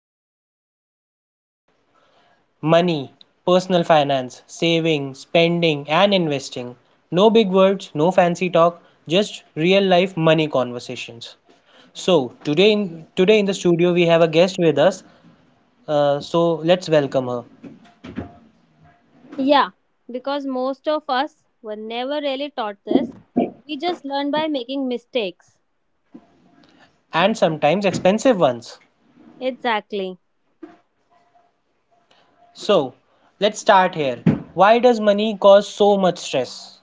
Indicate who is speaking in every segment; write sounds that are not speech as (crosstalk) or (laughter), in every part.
Speaker 1: investing for real life. Money, personal finance, saving, spending, and investing. No big words, no fancy talk, just real life money conversations. So, today in the studio, we have a guest with us, so let's welcome her.
Speaker 2: Yeah, because most of us were never really taught this. We just learn by making mistakes.
Speaker 1: And sometimes expensive ones.
Speaker 2: Exactly.
Speaker 1: So let's start here. Why does money cause so much stress?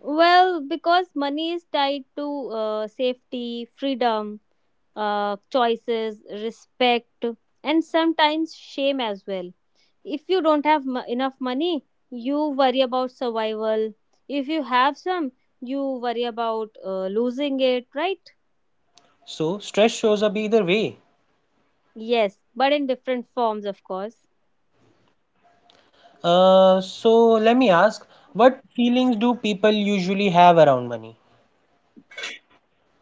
Speaker 2: Well, because money is tied to safety, freedom, choices, respect, and sometimes shame as well. If you don't have enough money, you worry about survival. If you have some, you worry about losing it, right?
Speaker 1: So stress shows up either way.
Speaker 2: Yes, but in different forms, of course.
Speaker 1: So let me ask, what feelings do people usually have around money?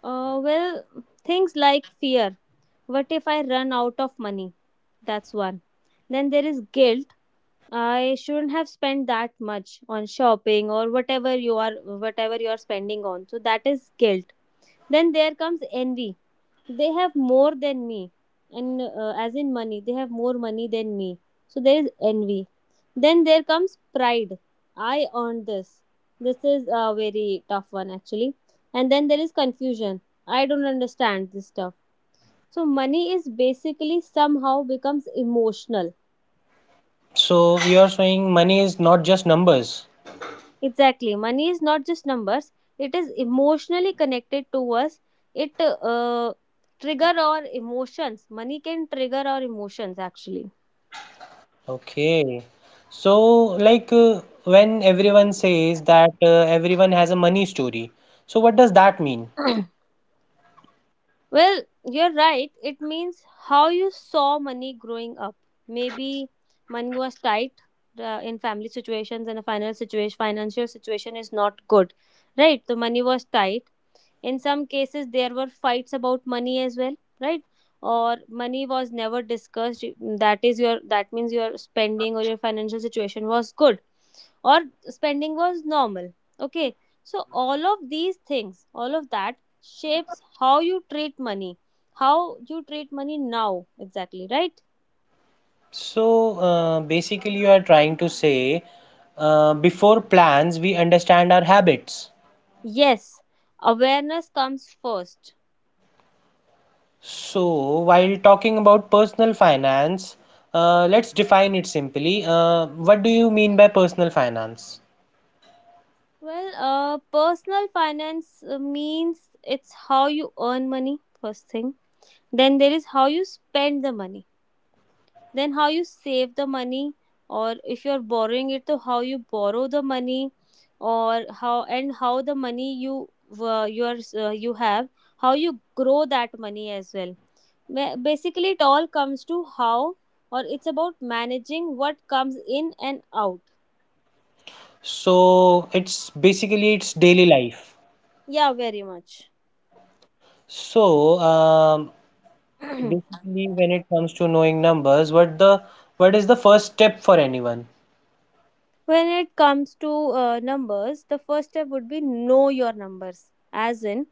Speaker 2: Well, things like fear. What if I run out of money? That's one. Then there is guilt. I shouldn't have spent that much on shopping or whatever you are spending on. So that is guilt. Then there comes envy, they have more than me, and as in money, they have more money than me, so there is envy. Then there comes pride, I earned this. This is a very tough one, actually. And then there is confusion, I don't understand this stuff. So money is basically, somehow, becomes emotional.
Speaker 1: So you're saying money is not just numbers.
Speaker 2: Exactly, money is not just numbers. It is emotionally connected to us. It trigger our emotions, money can trigger our emotions, actually.
Speaker 1: Okay. So like when everyone says that everyone has a money story, so what does that mean?
Speaker 2: (clears throat) Well, you're right. It means how you saw money growing up. Maybe money was tight, in family situations, and a financial situation is not good, right? The money was tight. In some cases, there were fights about money as well, right? Or money was never discussed. That is your, that means your spending or your financial situation was good, or spending was normal. Okay, so all of these things, all of that shapes how you treat money, how you treat money now, exactly, right.
Speaker 1: So basically you are trying to say before plans we understand our habits.
Speaker 2: Yes, awareness comes first.
Speaker 1: So, while talking about personal finance, let's define it simply. What do you mean by personal finance?
Speaker 2: Well, personal finance means it's how you earn money, first thing. Then there is how you spend the money, then how you save the money, or if you're borrowing it, so how you borrow the money. Or how, and how the money you your you have, how you grow that money as well. Basically it all comes to how, or it's about managing what comes in and out.
Speaker 1: So, it's basically it's daily life.
Speaker 2: Yeah, very much.
Speaker 1: So,
Speaker 2: (clears throat)
Speaker 1: basically, when it comes to knowing numbers, what the what is the first step for anyone?
Speaker 2: When it comes to numbers, the first step would be know your numbers, as in,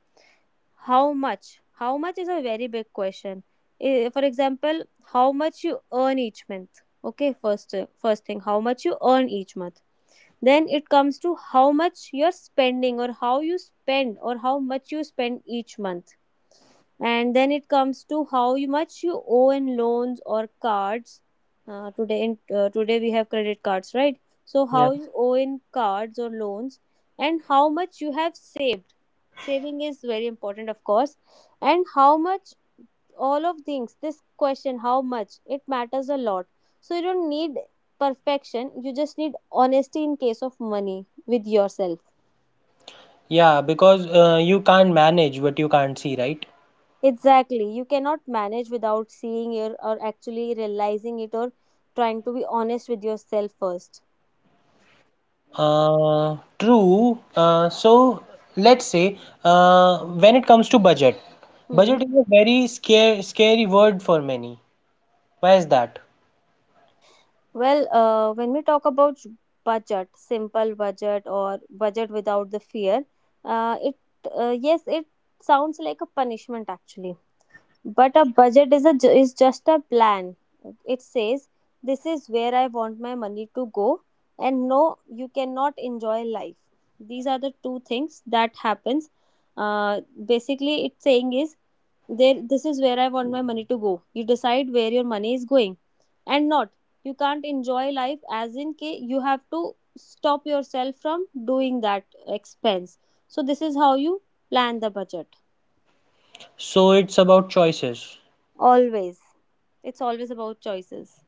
Speaker 2: how much? How much is a very big question. Eh, for example, how much you earn each month. Okay, first, first thing, how much you earn each month. Then it comes to how much you're spending, or how you spend, or how much you spend each month. And then it comes to how much you owe in loans or cards. Today we have credit cards, right? So
Speaker 1: Yeah.
Speaker 2: how you owe in cards or loans. And how much you have saved. Saving is very important, of course. And how much, all of things, this question, how much, it matters a lot. So you don't need perfection, you just need honesty, in case of money, with yourself.
Speaker 1: Yeah, because you can't manage what you can't see, right?
Speaker 2: Exactly, you cannot manage without seeing your, or actually realizing it, or trying to be honest with yourself first.
Speaker 1: True. So let's say when it comes to budget,
Speaker 2: Hmm.
Speaker 1: budget is a very scary word for many. Why is that?
Speaker 2: Well, when we talk about budget, simple budget or budget without the fear, it yes, it sounds like a punishment, actually. But a budget is a is just a plan. It says this is where I want my money to go. And no, you cannot enjoy life. These are the two things that happens. uh, Basically it's saying is there, this is where I want my money to go. You decide where your money is going. And not, you can't enjoy life, as in, k, you have to stop yourself from doing that expense. So this is how you plan the budget.
Speaker 1: So it's about choices.
Speaker 2: Always, it's always about choices.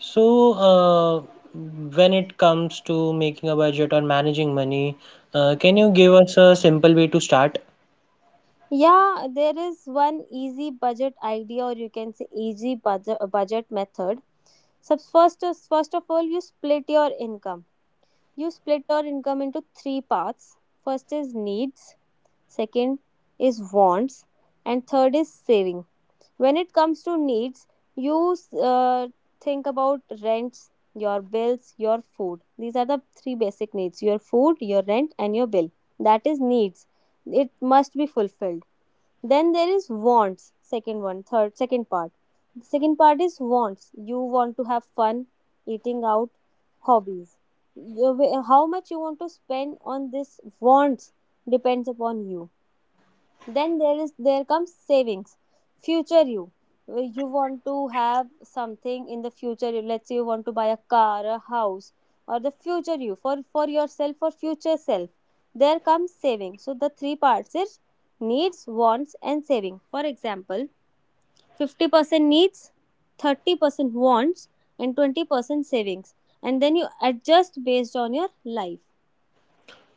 Speaker 1: So when it comes to making a budget or managing money, can you give us a simple way to start?
Speaker 2: Yeah, there is one easy budget idea, or you can say easy budget method. So first, first of all, you split your income. You split your income into three parts. First is needs, second is wants, and third is saving. When it comes to needs, you uh, think about rents, your bills, your food. These are the three basic needs: your food, your rent, and your bill. That is needs. It must be fulfilled. Then there is wants, second one third second part. The second part is wants, you want to have fun, eating out, hobbies. How much you want to spend on this wants depends upon you. Then there comes savings, future you. You want to have something in the future, let's say you want to buy a car, a house, or the future you, for yourself, or future self. There comes saving. So the three parts is needs, wants, and saving. For example, 50% needs, 30% wants, and 20% savings, and then you adjust based on your life.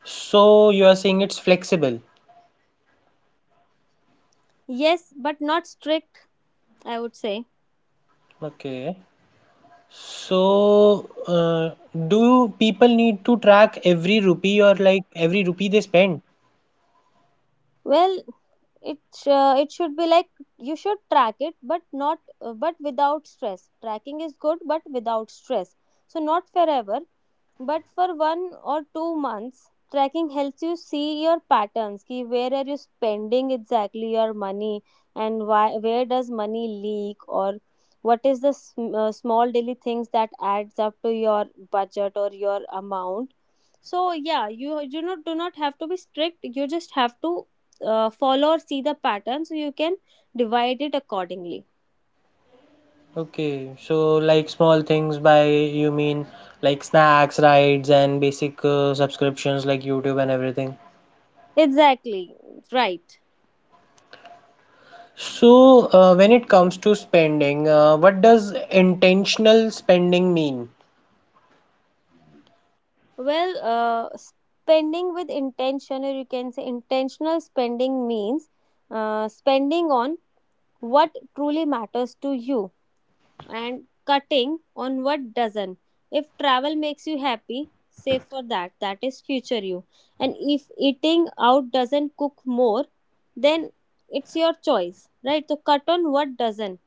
Speaker 1: So you are saying it's flexible.
Speaker 2: Yes, but not strict, I would say.
Speaker 1: Okay. So, do people need to track every rupee or like every rupee they spend?
Speaker 2: Well, it it should be like, you should track it, but not but without stress. Tracking is good, but without stress. So not forever, but for 1 or 2 months, tracking helps you see your patterns. Ki, where are you spending exactly your money, and why, where does money leak, or what is the small daily things that adds up to your budget or your amount. So yeah, you not do not have to be strict. You just have to follow or see the pattern, so you can divide it accordingly.
Speaker 1: Okay, so like small things by you mean like snacks, rides, and basic subscriptions like YouTube and everything.
Speaker 2: Exactly right.
Speaker 1: So, when it comes to spending, what does intentional spending mean?
Speaker 2: Well, spending with intention, or you can say intentional spending, means spending on what truly matters to you, and cutting on what doesn't. If travel makes you happy, save for that. That is future you. And if eating out doesn't cook more, then it's your choice, right? So cut on what doesn't.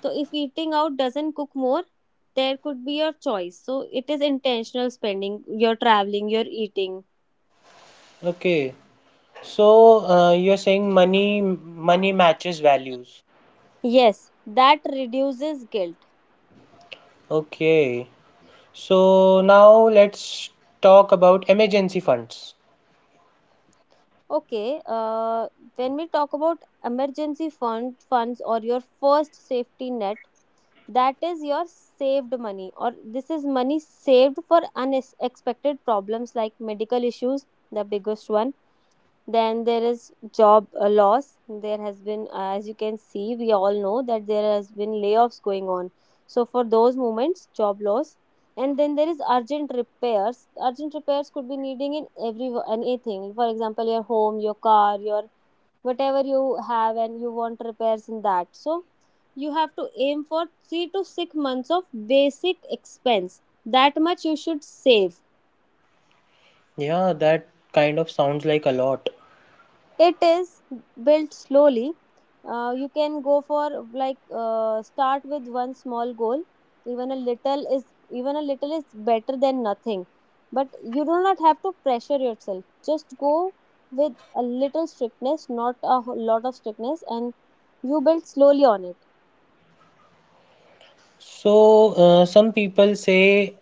Speaker 2: So if eating out doesn't cook more, there could be your choice. So it is intentional spending, you're traveling, you're eating.
Speaker 1: Okay, so you're saying money matches values.
Speaker 2: Yes, that reduces guilt.
Speaker 1: Okay, so now let's talk about emergency funds.
Speaker 2: Okay, when we talk about emergency funds or your first safety net, that is your saved money, or this is money saved for unexpected problems like medical issues, the biggest one. Then there is job loss. There has been, as you can see, we all know that there has been layoffs going on. So for those moments, job loss. And then there is urgent repairs. Urgent repairs could be needing in every anything. For example, your home, your car, your whatever you have, and you want repairs in that. So you have to aim for 3 to 6 months of basic expense. That much you should save.
Speaker 1: Yeah, that kind of sounds like a lot.
Speaker 2: It is built slowly. You can go for like, start with one small goal. Even a little is Even a little is better than nothing. But you do not have to pressure yourself. Just go with a little strictness, not a lot of strictness, and you build slowly on it.
Speaker 1: So, some people say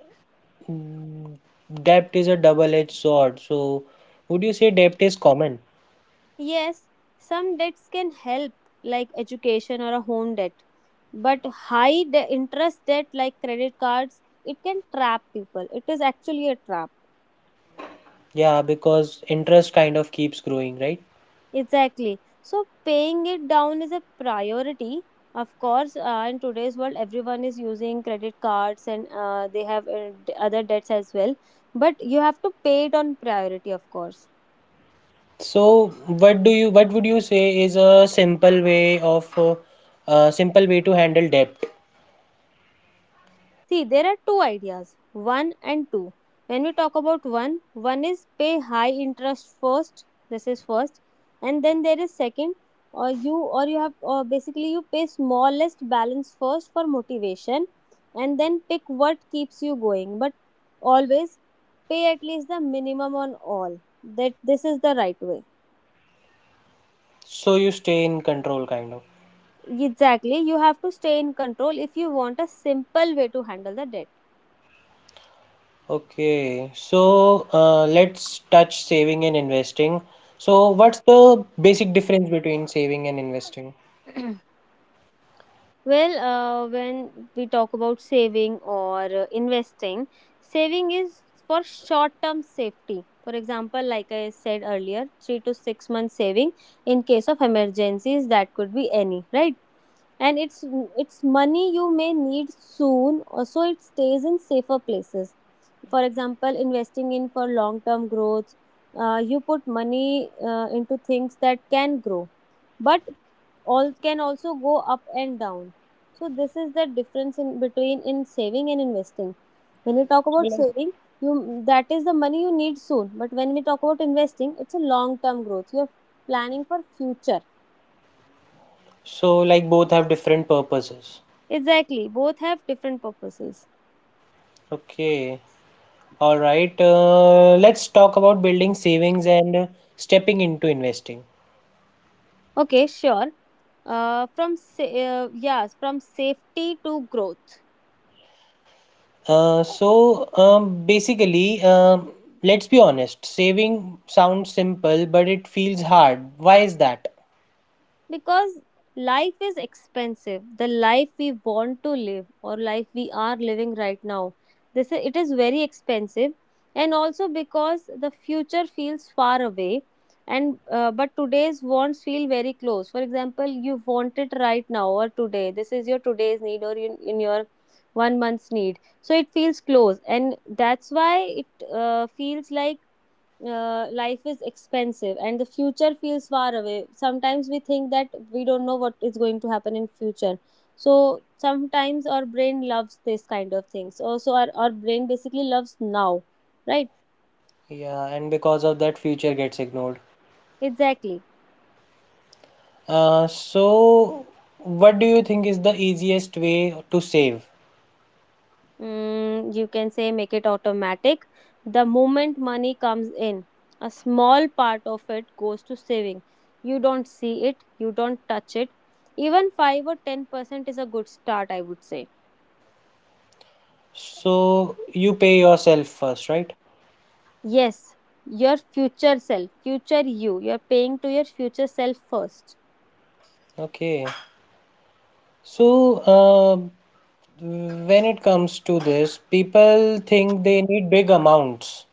Speaker 1: Mm, debt is a double-edged sword. So, would you say debt is common?
Speaker 2: Yes, some debts can help, like education or a home debt. But interest debt, like credit cards, it can trap people. It is actually a trap.
Speaker 1: Yeah, because interest kind of keeps growing, right?
Speaker 2: Exactly. So paying it down is a priority. Of course, in today's world, everyone is using credit cards, and they have other debts as well. But you have to pay it on priority, of course.
Speaker 1: So, what would you say is a simple way of, simple way to handle debt?
Speaker 2: See, there are two ideas, one and two. When we talk about one, one is pay high interest first. This is first, and then there is second, or you have, or basically you pay smallest balance first for motivation, and then pick what keeps you going. But always pay at least the minimum on all. That This is the right way.
Speaker 1: So you stay in control, kind of.
Speaker 2: Exactly, you have to stay in control if you want a simple way to handle the debt.
Speaker 1: Okay, so let's touch saving and investing. So, what's the basic difference between saving and investing?
Speaker 2: (clears throat) Well, when we talk about saving or investing, saving is for short term safety. For example, like I said earlier, 3 to 6 months saving in case of emergencies, that could be any, right? And it's money you may need soon, or so it stays in safer places. For example, investing in for long term growth, you put money into things that can grow, but all can also go up and down, so this is the difference in between in saving and investing. When you talk about saving, you that is the money you need soon, but when we talk about investing, it's a long term growth. You are planning for future.
Speaker 1: So, like both have different purposes.
Speaker 2: Exactly, both have different purposes.
Speaker 1: Okay. All right, let's talk about building savings and stepping into investing.
Speaker 2: Okay, sure. Yes, from safety to growth.
Speaker 1: Basically, let's be honest, saving sounds simple, but it feels hard. Why is that?
Speaker 2: Because life is expensive. The life we want to live or life we are living right now, it is very expensive. And also because the future feels far away, and but today's wants feel very close. For example, you want it right now, or today this is your today's need, or in your 1 month's need, so it feels close. And that's why it feels like life is expensive and the future feels far away. Sometimes we think that we don't know what is going to happen in future, so sometimes our brain loves this kind of things. Also, our brain basically loves now, right?
Speaker 1: Yeah, and because of that, future gets ignored.
Speaker 2: Exactly.
Speaker 1: Uh, so, what do you think is the easiest way to save?
Speaker 2: You can say make it automatic. The moment money comes in, a small part of it goes to saving. You don't see it, you don't touch it. Even 5 or 10% is a good start, I would say.
Speaker 1: So, you pay yourself first, right?
Speaker 2: Yes, your future self, future you. You're paying to your future self first.
Speaker 1: Okay. So, when it comes to this, people think they need big amounts.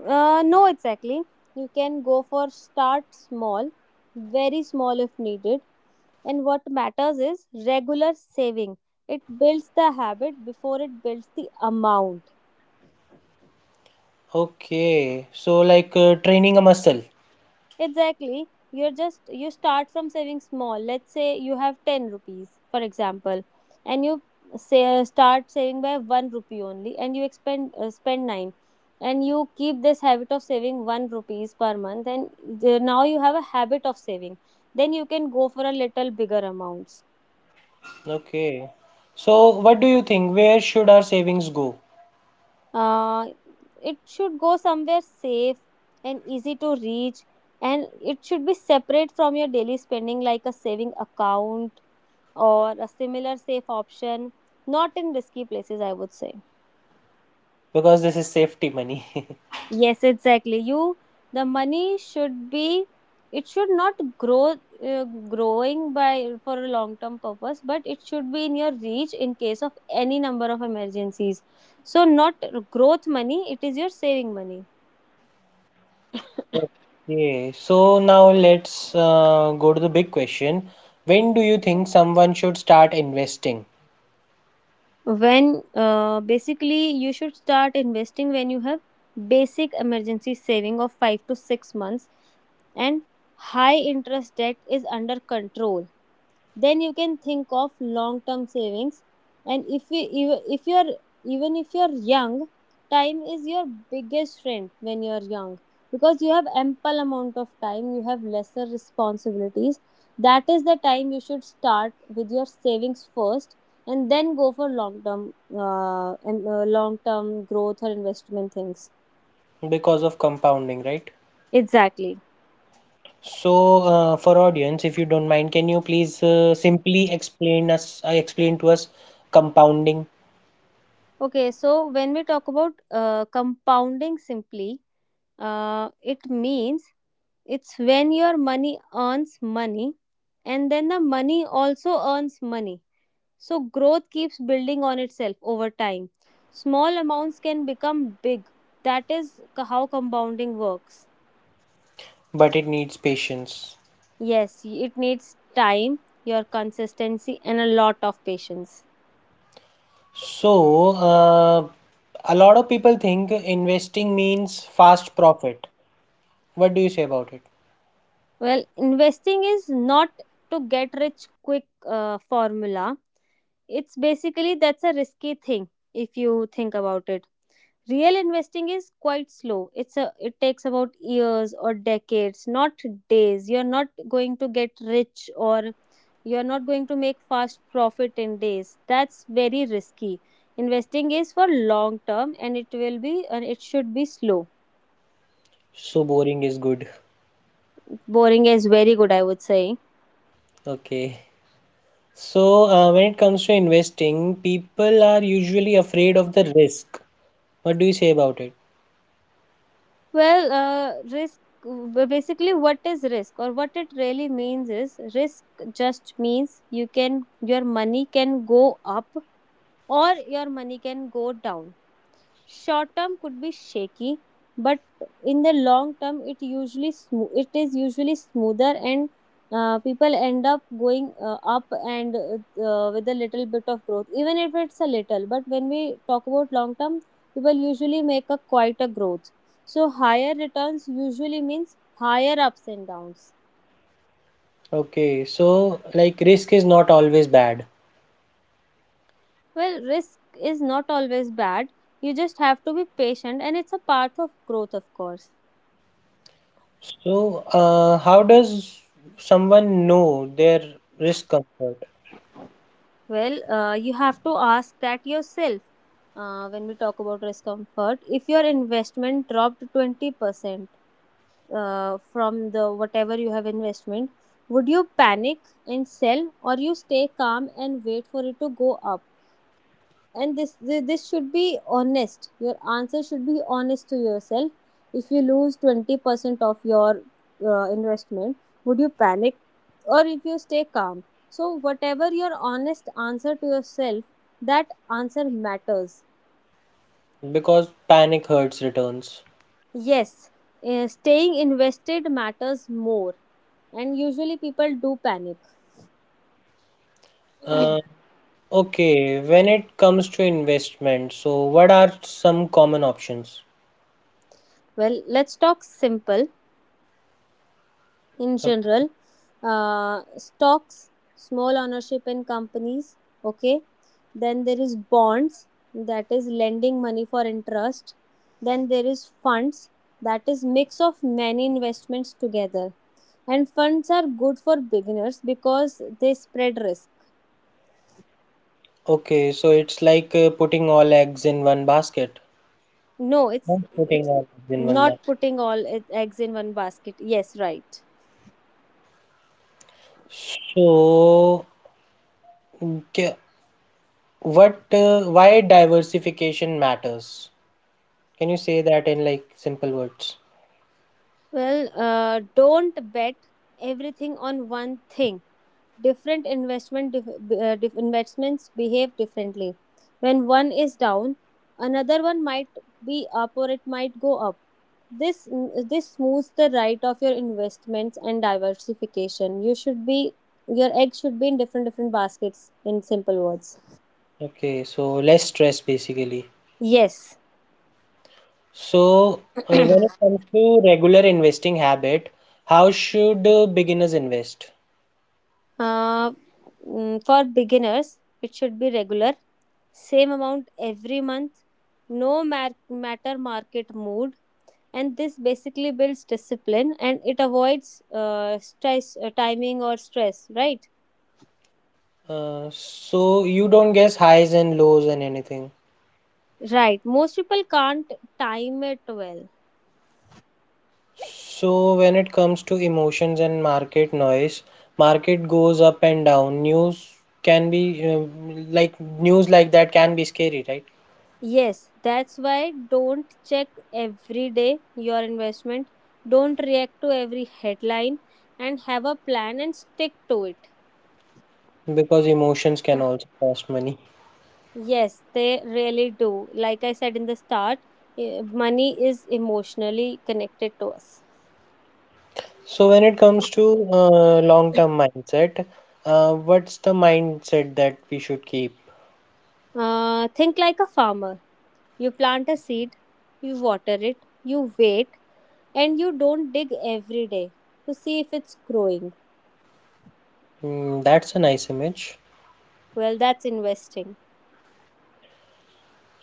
Speaker 2: No, exactly. You can go for start small, very small if needed. And what matters is regular saving. It builds the habit before it builds the amount.
Speaker 1: Okay. So, like training a muscle.
Speaker 2: Exactly. You start from saving small. Let's say you have 10 rupees, for example, and you say start saving by 1 rupee only, and you expend spend 9, and you keep this habit of saving 1 rupees per month, and now you have a habit of saving. Then you can go for a little bigger amounts.
Speaker 1: Okay. So, what do you think? Where should our savings go?
Speaker 2: Uh, it should go somewhere safe and easy to reach, and it should be separate from your daily spending, like a saving account or a similar safe option, not in risky places, I would say.
Speaker 1: Because this is safety money. (laughs)
Speaker 2: Yes, exactly. The money should be, it should not grow, uh, growing by for a long term purpose, but it should be in your reach in case of any number of emergencies. So, not growth money, it is your saving money.
Speaker 1: Okay. So, now let's go to the big question. When do you think someone should start investing?
Speaker 2: When basically you should start investing when you have basic emergency saving of 5 to 6 months, and high interest debt is under control. Then you can think of long term savings. And if we if you're even if you're young, time is your biggest friend when you're young, because you have ample amount of time, you have lesser responsibilities. That is the time you should start with your savings first, and then go for long term and long term growth or investment things.
Speaker 1: Because of compounding, right?
Speaker 2: Exactly.
Speaker 1: So, for audience, if you don't mind, can you please explain to us compounding,
Speaker 2: Okay, so when we talk about compounding simply, it means it's when your money earns money, and then the money also earns money. So growth keeps building on itself over time. Small amounts can become big. That is how compounding works.
Speaker 1: but it needs patience.
Speaker 2: Yes, it needs time, your consistency, and a lot of patience.
Speaker 1: So, a lot of people think investing means fast profit. What do you say about it?
Speaker 2: Well, investing is not to get rich quick formula. It's basically that's a risky thing, if you think about it. Real investing is quite slow. It takes about years or decades, not days. You're not going to get rich, or you're not going to make fast profit in days. That's very risky. Investing is for long term, and it will be and it should be slow.
Speaker 1: So boring is good.
Speaker 2: Boring is very good, I would say.
Speaker 1: Okay. So, when it comes to investing, people are usually afraid of the risk. What do you say about it?
Speaker 2: Well, risk basically, what is risk or what it really means, is risk just means you can your money can go up or your money can go down. Short term could be shaky, but in the long term, it usually it is usually smoother, and people end up going up and with a little bit of growth, even if it's a little. But when we talk about long term, people usually make a quite a growth. So higher returns usually means higher ups and downs.
Speaker 1: Okay, so like risk is not always bad.
Speaker 2: Well, risk is not always bad. You just have to be patient, and it's a part of growth, of course.
Speaker 1: So, how does someone know their risk comfort?
Speaker 2: Well, you have to ask that yourself. When we talk about risk comfort, if your investment dropped 20% from the whatever you have investment, would you panic and sell, or you stay calm and wait for it to go up? And this should be honest. Your answer should be honest to yourself. If you lose 20% of your investment, would you panic, or if you stay calm? So whatever your honest answer to yourself, that answer matters.
Speaker 1: Because panic hurts returns.
Speaker 2: Yes, staying invested matters more, and usually people do panic.
Speaker 1: Uh, okay, when it comes to investment, so what are some common options?
Speaker 2: Well, let's talk simple, in
Speaker 1: O-
Speaker 2: general. Uh, stocks, small ownership in companies. Okay. Then there is bonds, that is lending money for interest. Then there is funds, that is mix of many investments together. And funds are good for beginners because they spread risk.
Speaker 1: Okay, so it's like putting all eggs in one basket.
Speaker 2: No,
Speaker 1: Not putting
Speaker 2: it's
Speaker 1: all eggs in one
Speaker 2: not
Speaker 1: basket.
Speaker 2: putting all eggs in one basket, yes, right.
Speaker 1: So, ca- what, why diversification matters? Can you say that in like simple words?
Speaker 2: Well, don't bet everything on one thing. Different investment investments behave differently. When one is down, another one might be up, or it might go up. this this smooths the right of your investments. And diversification, you should be your eggs should be in different different baskets, in simple words.
Speaker 1: Okay, so less stress basically.
Speaker 2: Yes.
Speaker 1: So, when it comes to regular investing habit, how should beginners invest?
Speaker 2: uh, for beginners it should be regular, same amount every month, no mar- matter market mood. And this basically builds discipline, and it avoids stress timing or stress, right?
Speaker 1: So you don't guess highs and lows and anything.
Speaker 2: Right, most people can't time it well.
Speaker 1: So when it comes to emotions and market noise, market goes up and down. Can be uh, news like that can be scary, right?
Speaker 2: Yes, that's why, don't check every day your investment, don't react to every headline, and have a plan and stick to it.
Speaker 1: Because emotions can also cost money.
Speaker 2: Yes, they really do. Like I said in the start, money is emotionally connected to us.
Speaker 1: So when it comes to long-term mindset, what's the mindset that we should keep?
Speaker 2: Think like a farmer. You plant a seed, you water it, you wait, and you don't dig every day to see if it's growing.
Speaker 1: Mm, that's a nice image.
Speaker 2: Well, that's investing.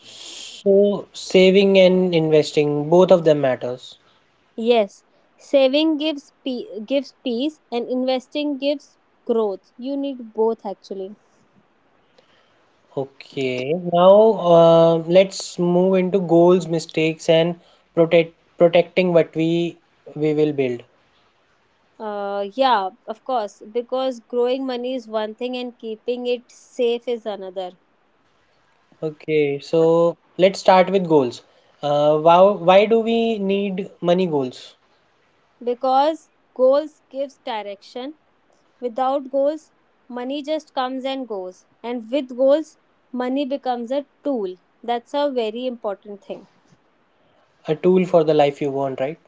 Speaker 1: So saving and investing, both of them matters.
Speaker 2: Yes, saving gives gives peace, and investing gives growth. You need both actually.
Speaker 1: Okay, now let's move into goals, mistakes, and protecting what we will build.
Speaker 2: Yeah, of course, because growing money is one thing and keeping it safe is another.
Speaker 1: Okay, so let's start with goals. Wow, why do we need money goals?
Speaker 2: Because goals gives direction. Without goals, money just comes and goes. And with goals, money becomes a tool. That's a very important thing.
Speaker 1: A tool for the life you want, right?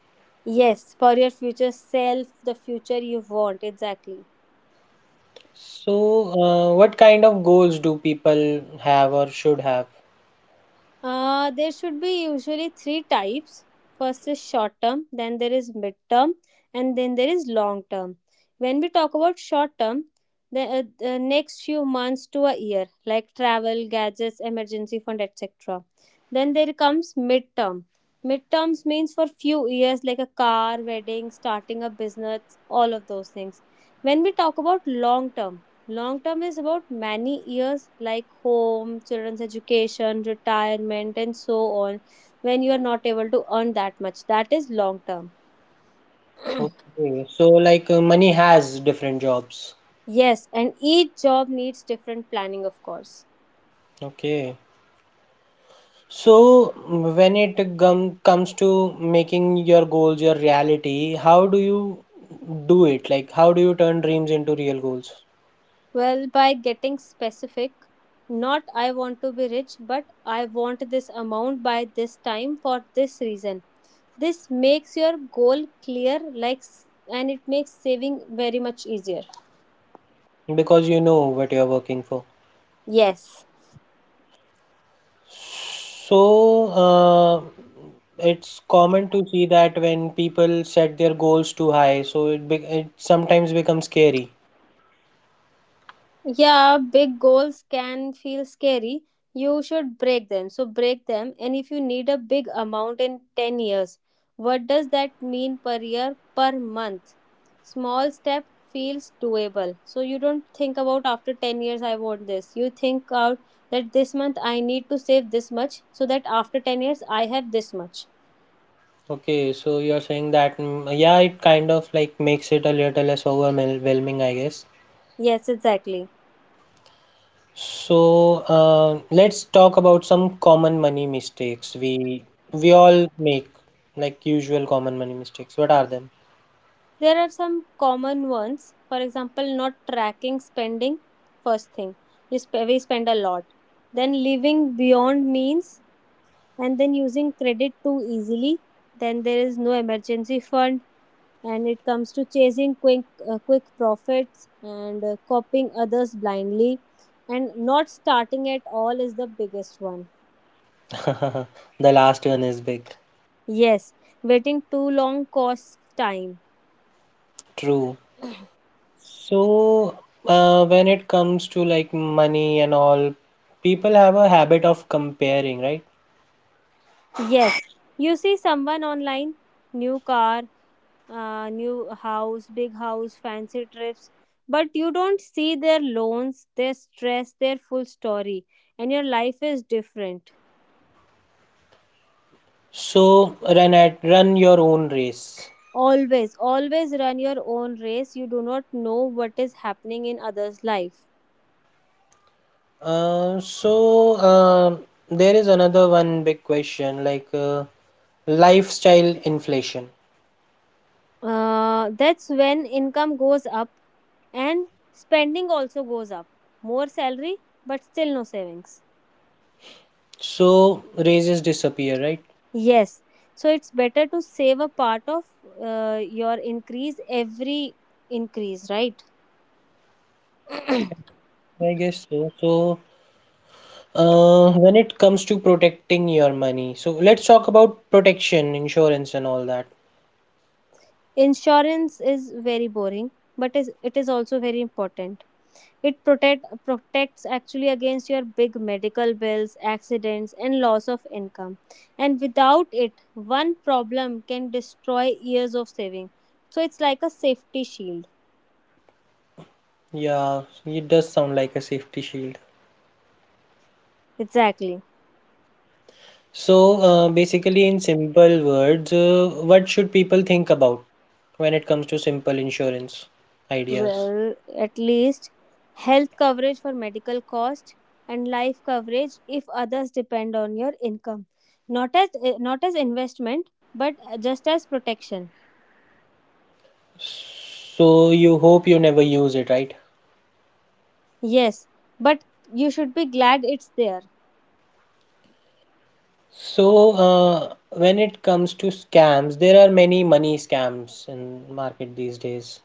Speaker 2: Yes, for your future self, the future you want, exactly.
Speaker 1: So, what kind of goals do people have or should have?
Speaker 2: There should be usually three types. First is short term, then there is mid term, and then there is long term. When we talk about short term, the next few months to a year, like travel, gadgets, emergency fund, etc. Then there comes mid term. Mid terms means for few years, like a car, wedding, starting a business, all of those things. When we talk about long term, long term is about many years, like home, children's education, retirement, and so on, when you are not able to earn that much. That is long term.
Speaker 1: Okay, so like money has different jobs.
Speaker 2: Yes, and each job needs different planning, of course.
Speaker 1: Okay, so when it gum comes to making your goals your reality, how do you do it? Like, how do you turn dreams into real goals?
Speaker 2: Well, by getting specific, not I want to be rich, but I want this amount by this time for this reason. This makes your goal clear, like, and it makes saving very much easier.
Speaker 1: Because you know what you're working for.
Speaker 2: Yes.
Speaker 1: So, it's common to see that when people set their goals too high, so be it sometimes becomes scary.
Speaker 2: Yeah, big goals can feel scary. You should break them. So break them. And if you need a big amount in 10 years, what does that mean per year, per month? Small step feels doable. So you don't think about after 10 years, I want this. You think out that this month I need to save this much so that after 10 years I have this much.
Speaker 1: Okay, so you're saying that, mm, yeah, it kind of like makes it a little less overwhelming, I guess.
Speaker 2: Yes, exactly.
Speaker 1: So, let's talk about some common money mistakes we all make, like usual common money mistakes. What are them?
Speaker 2: There are some common ones. For example, not tracking spending. First thing, we spend a lot. Then living beyond means, and then using credit too easily. Then there is no emergency fund, and it comes to chasing quick quick profits, and copying others blindly, and not starting at all is the biggest one.
Speaker 1: (laughs) The last one is big.
Speaker 2: Yes, waiting too long costs time.
Speaker 1: True. So, when it comes to like money and all, people have a habit of comparing, right?
Speaker 2: Yes, you see someone online, new car, new house, big house, fancy trips. But you don't see their loans, their stress, their full story, and your life is different.
Speaker 1: So, run your own race.
Speaker 2: Always, always run your own race. You do not know what is happening in others' life.
Speaker 1: Uh, so um, there is another one big question like lifestyle inflation.
Speaker 2: That's when income goes up and spending also goes up. More salary, but still no savings.
Speaker 1: So raises disappear, right?
Speaker 2: Yes, so it's better to save a part of your increase every increase, right?
Speaker 1: I guess so. So when it comes to protecting your money, so let's talk about protection, insurance, and all that.
Speaker 2: Insurance is very boring, but is it is also very important. It protects actually against your big medical bills, accidents, and loss of income. And without it, one problem can destroy years of saving. So it's like a safety shield.
Speaker 1: Yeah, it does sound like a safety shield.
Speaker 2: Exactly.
Speaker 1: So basically, in simple words, what should people think about when it comes to simple insurance ideas?
Speaker 2: Well, at least health coverage for medical cost, and life coverage if others depend on your income. Not as not as investment, but just as protection.
Speaker 1: So you hope you never use it, right?
Speaker 2: Yes, but you should be glad it's there.
Speaker 1: So when it comes to scams, there are many money scams in market these days.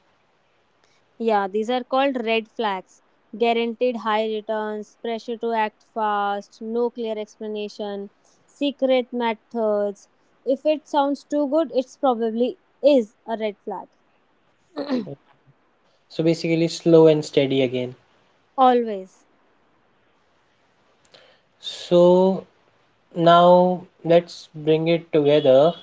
Speaker 2: Yeah, these are called red flags. Guaranteed high returns, pressure to act fast, no clear explanation, secret methods. If it sounds too good, it's probably is a red flag. (clears throat)
Speaker 1: So basically slow and steady again.
Speaker 2: Always.
Speaker 1: So now let's bring it together.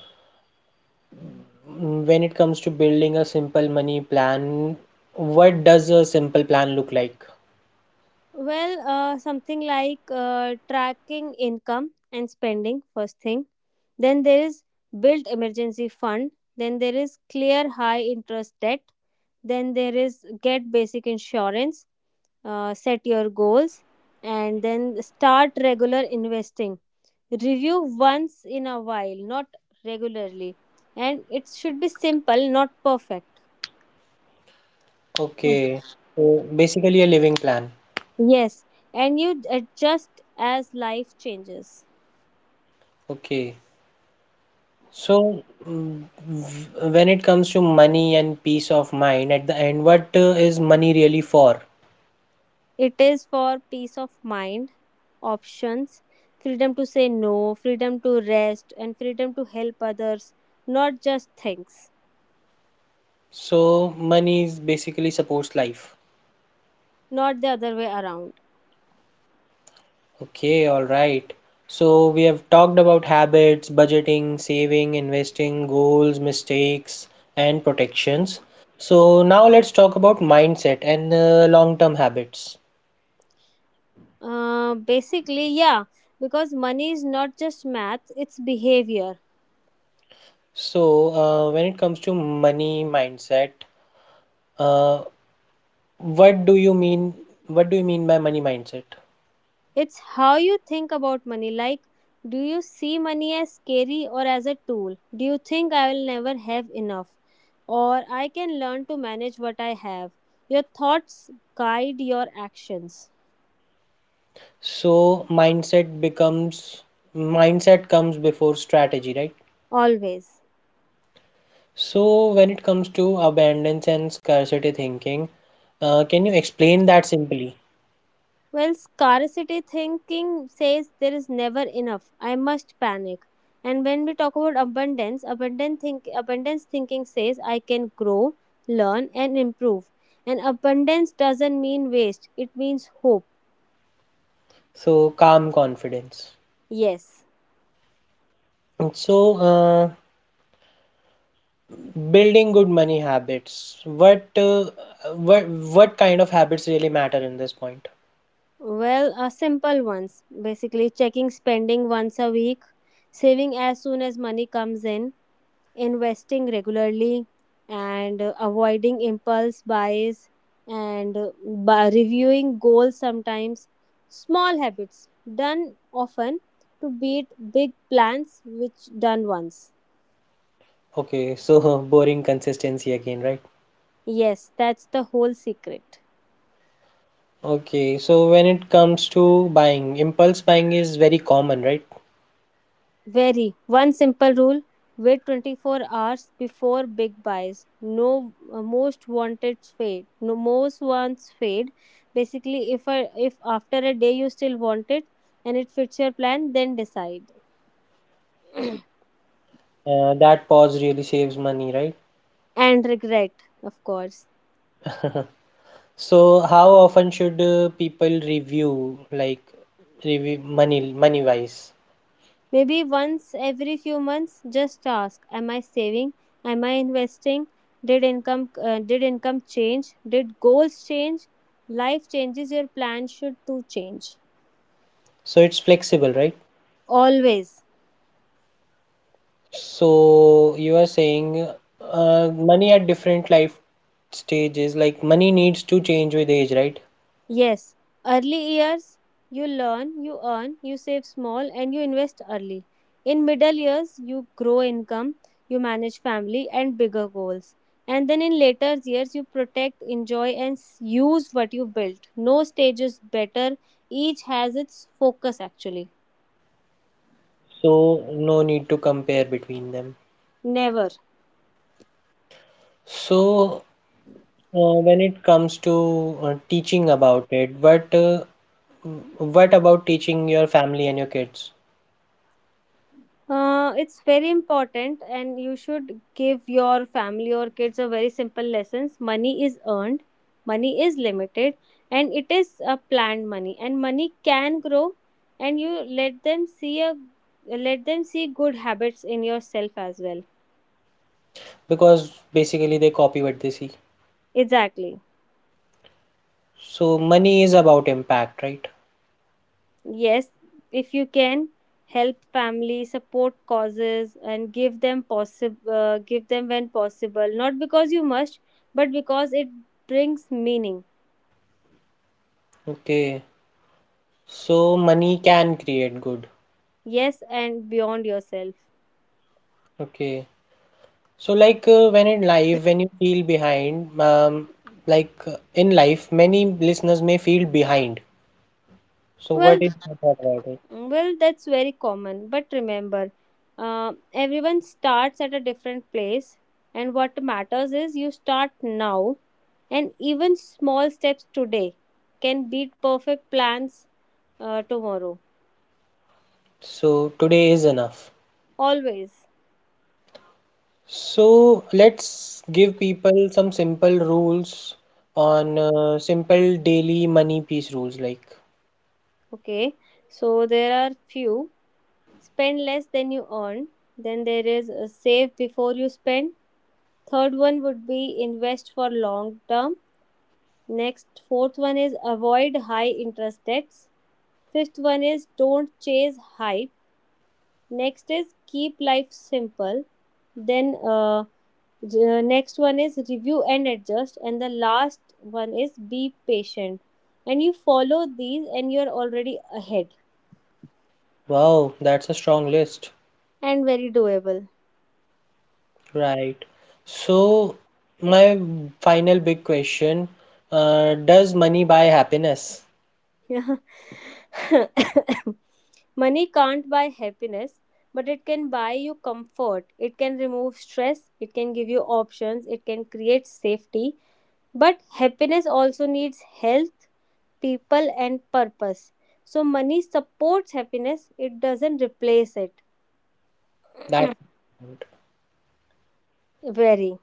Speaker 1: Mm, when it comes to building a simple money plan, what does a simple plan look like?
Speaker 2: Well, something like tracking income and spending, first thing. Then there is built emergency fund. Then there is clear high interest debt. Then there is get basic insurance, set your goals, and then start regular investing. Review once in a while, not regularly. And it should be simple, not perfect. Mm.
Speaker 1: Okay. So basically a living plan.
Speaker 2: Yes, and you adjust as life changes.
Speaker 1: Okay. So, when it comes to money and peace of mind, at the end, what is money really for?
Speaker 2: It is for peace of mind, options, freedom to say no, freedom to rest, and freedom to help others. Not just things.
Speaker 1: So, money is basically supports life.
Speaker 2: Not the other way around.
Speaker 1: Okay, all right. So, we have talked about habits, budgeting, saving, investing, goals, mistakes, and protections. So, now let's talk about mindset and long-term habits.
Speaker 2: Yeah, because money is not just math, it's behavior.
Speaker 1: So, when it comes to money mindset, uh, What do you mean? What do you mean by money mindset?
Speaker 2: It's how you think about money. Like, do you see money as scary or as a tool? Do you think I will never have enough? Or I can learn to manage what I have? Your thoughts guide your actions.
Speaker 1: So mindset comes before strategy, right?
Speaker 2: Always.
Speaker 1: So when it comes to abundance and scarcity thinking, can you explain that simply?
Speaker 2: Well, scarcity thinking says there is never enough. I must panic. And when we talk about abundance, abundance thinking says I can grow, learn, and improve. And abundance doesn't mean waste, it means hope.
Speaker 1: So calm confidence.
Speaker 2: Yes.
Speaker 1: So building good money habits. What kind of habits really matter in this point?
Speaker 2: Simple ones. Basically, checking spending once a week, saving as soon as money comes in, investing regularly, and avoiding impulse buys, and by reviewing goals sometimes. Small habits done often to beat big plans which done once.
Speaker 1: Okay, so (laughs) boring consistency again, right?
Speaker 2: Yes, that's the whole secret.
Speaker 1: Okay, so when it comes to buying, impulse buying is very common, right?
Speaker 2: Very. One simple rule, wait 24 hours before big buys. No, most wants fade. Basically, if after a day you still want it and it fits your plan, then decide.
Speaker 1: That pause really saves money, right?
Speaker 2: And regret, of course.
Speaker 1: So how often should people review like review money money wise?
Speaker 2: Maybe once every few months, just ask: Am I saving? Am I investing? Did income change? Did goals change? Life changes. Your plan should too change.
Speaker 1: So it's flexible, right?
Speaker 2: Always.
Speaker 1: So you are saying money at different life stages, like money needs to change with age, right?
Speaker 2: Yes, early years you learn, you earn, you save small, and you invest early. In middle years, you grow income, you manage family and bigger goals. And then in later years, you protect, enjoy, and use what you built. No stage is better, each has its focus actually.
Speaker 1: So no need to compare between them.
Speaker 2: Never.
Speaker 1: So, when it comes to teaching about it, what about teaching your family and your kids?
Speaker 2: It's very important, and you should give your family or kids a very simple lessons. Money is earned, money is limited, and it is a planned money. And money can grow, and you let them see a let them see good habits in yourself as well.
Speaker 1: Because basically they copy what they see.
Speaker 2: Exactly.
Speaker 1: So money is about impact, right?
Speaker 2: Yes, if you can help family, support causes, and give them when possible. Not because you must, but because it brings meaning.
Speaker 1: Okay. So money can create good.
Speaker 2: Yes, and beyond yourself.
Speaker 1: Okay. So like when in life, when you feel behind, in life, many listeners may feel behind. So what
Speaker 2: well
Speaker 1: is your thought about it?
Speaker 2: well, that's very common, but remember, everyone starts at a different place, and what matters is you start now. And even small steps today can beat perfect plans tomorrow.
Speaker 1: So today is enough.
Speaker 2: Always.
Speaker 1: So let's give people some simple rules on simple daily money piece rules. Like,
Speaker 2: Okay, so there are few. Spend less than you earn. Then there is, save before you spend. Third one would be invest for long term. Next, fourth one is avoid high interest debts. Fifth one is don't chase hype. Next is keep life simple. Then, the next one is review and adjust. And the last one is be patient. And you follow these, and you're already ahead.
Speaker 1: wow, that's a strong list.
Speaker 2: And very doable. (laughs)
Speaker 1: Right. So, my final big question, does money buy happiness?
Speaker 2: Yeah. (coughs) Money can't buy happiness, but it can buy you comfort. It can remove stress. It can give you options. It can create safety. But happiness also needs health, people, and purpose. So money supports happiness, it doesn't replace it.
Speaker 1: That
Speaker 2: Very.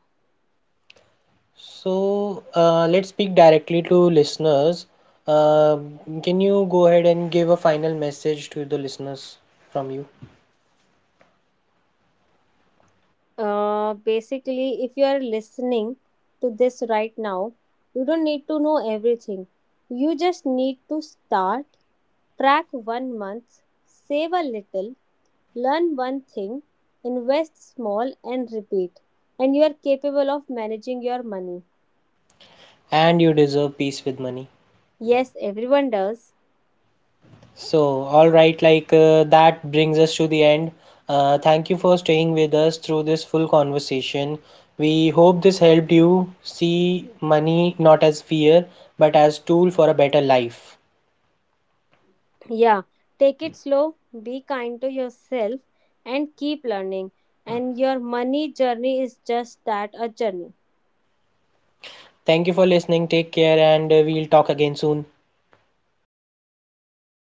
Speaker 1: so let's speak directly to listeners. Uh, can you go ahead and give a final message to the listeners from you?
Speaker 2: If you are listening to this right now, you don't need to know everything. You just need to start, track one month, save a little, learn one thing, invest small, and repeat. And you are capable of managing your money.
Speaker 1: And you deserve peace with money.
Speaker 2: Yes, everyone does.
Speaker 1: So, all right, like that brings us to the end. Thank you for staying with us through this full conversation. We hope this helped you see money not as fear but as tool for a better life.
Speaker 2: Yeah, take it slow, be kind to yourself, and keep learning. And your money journey is just that, a journey.
Speaker 1: Thank you for listening. Take care and we'll talk again soon.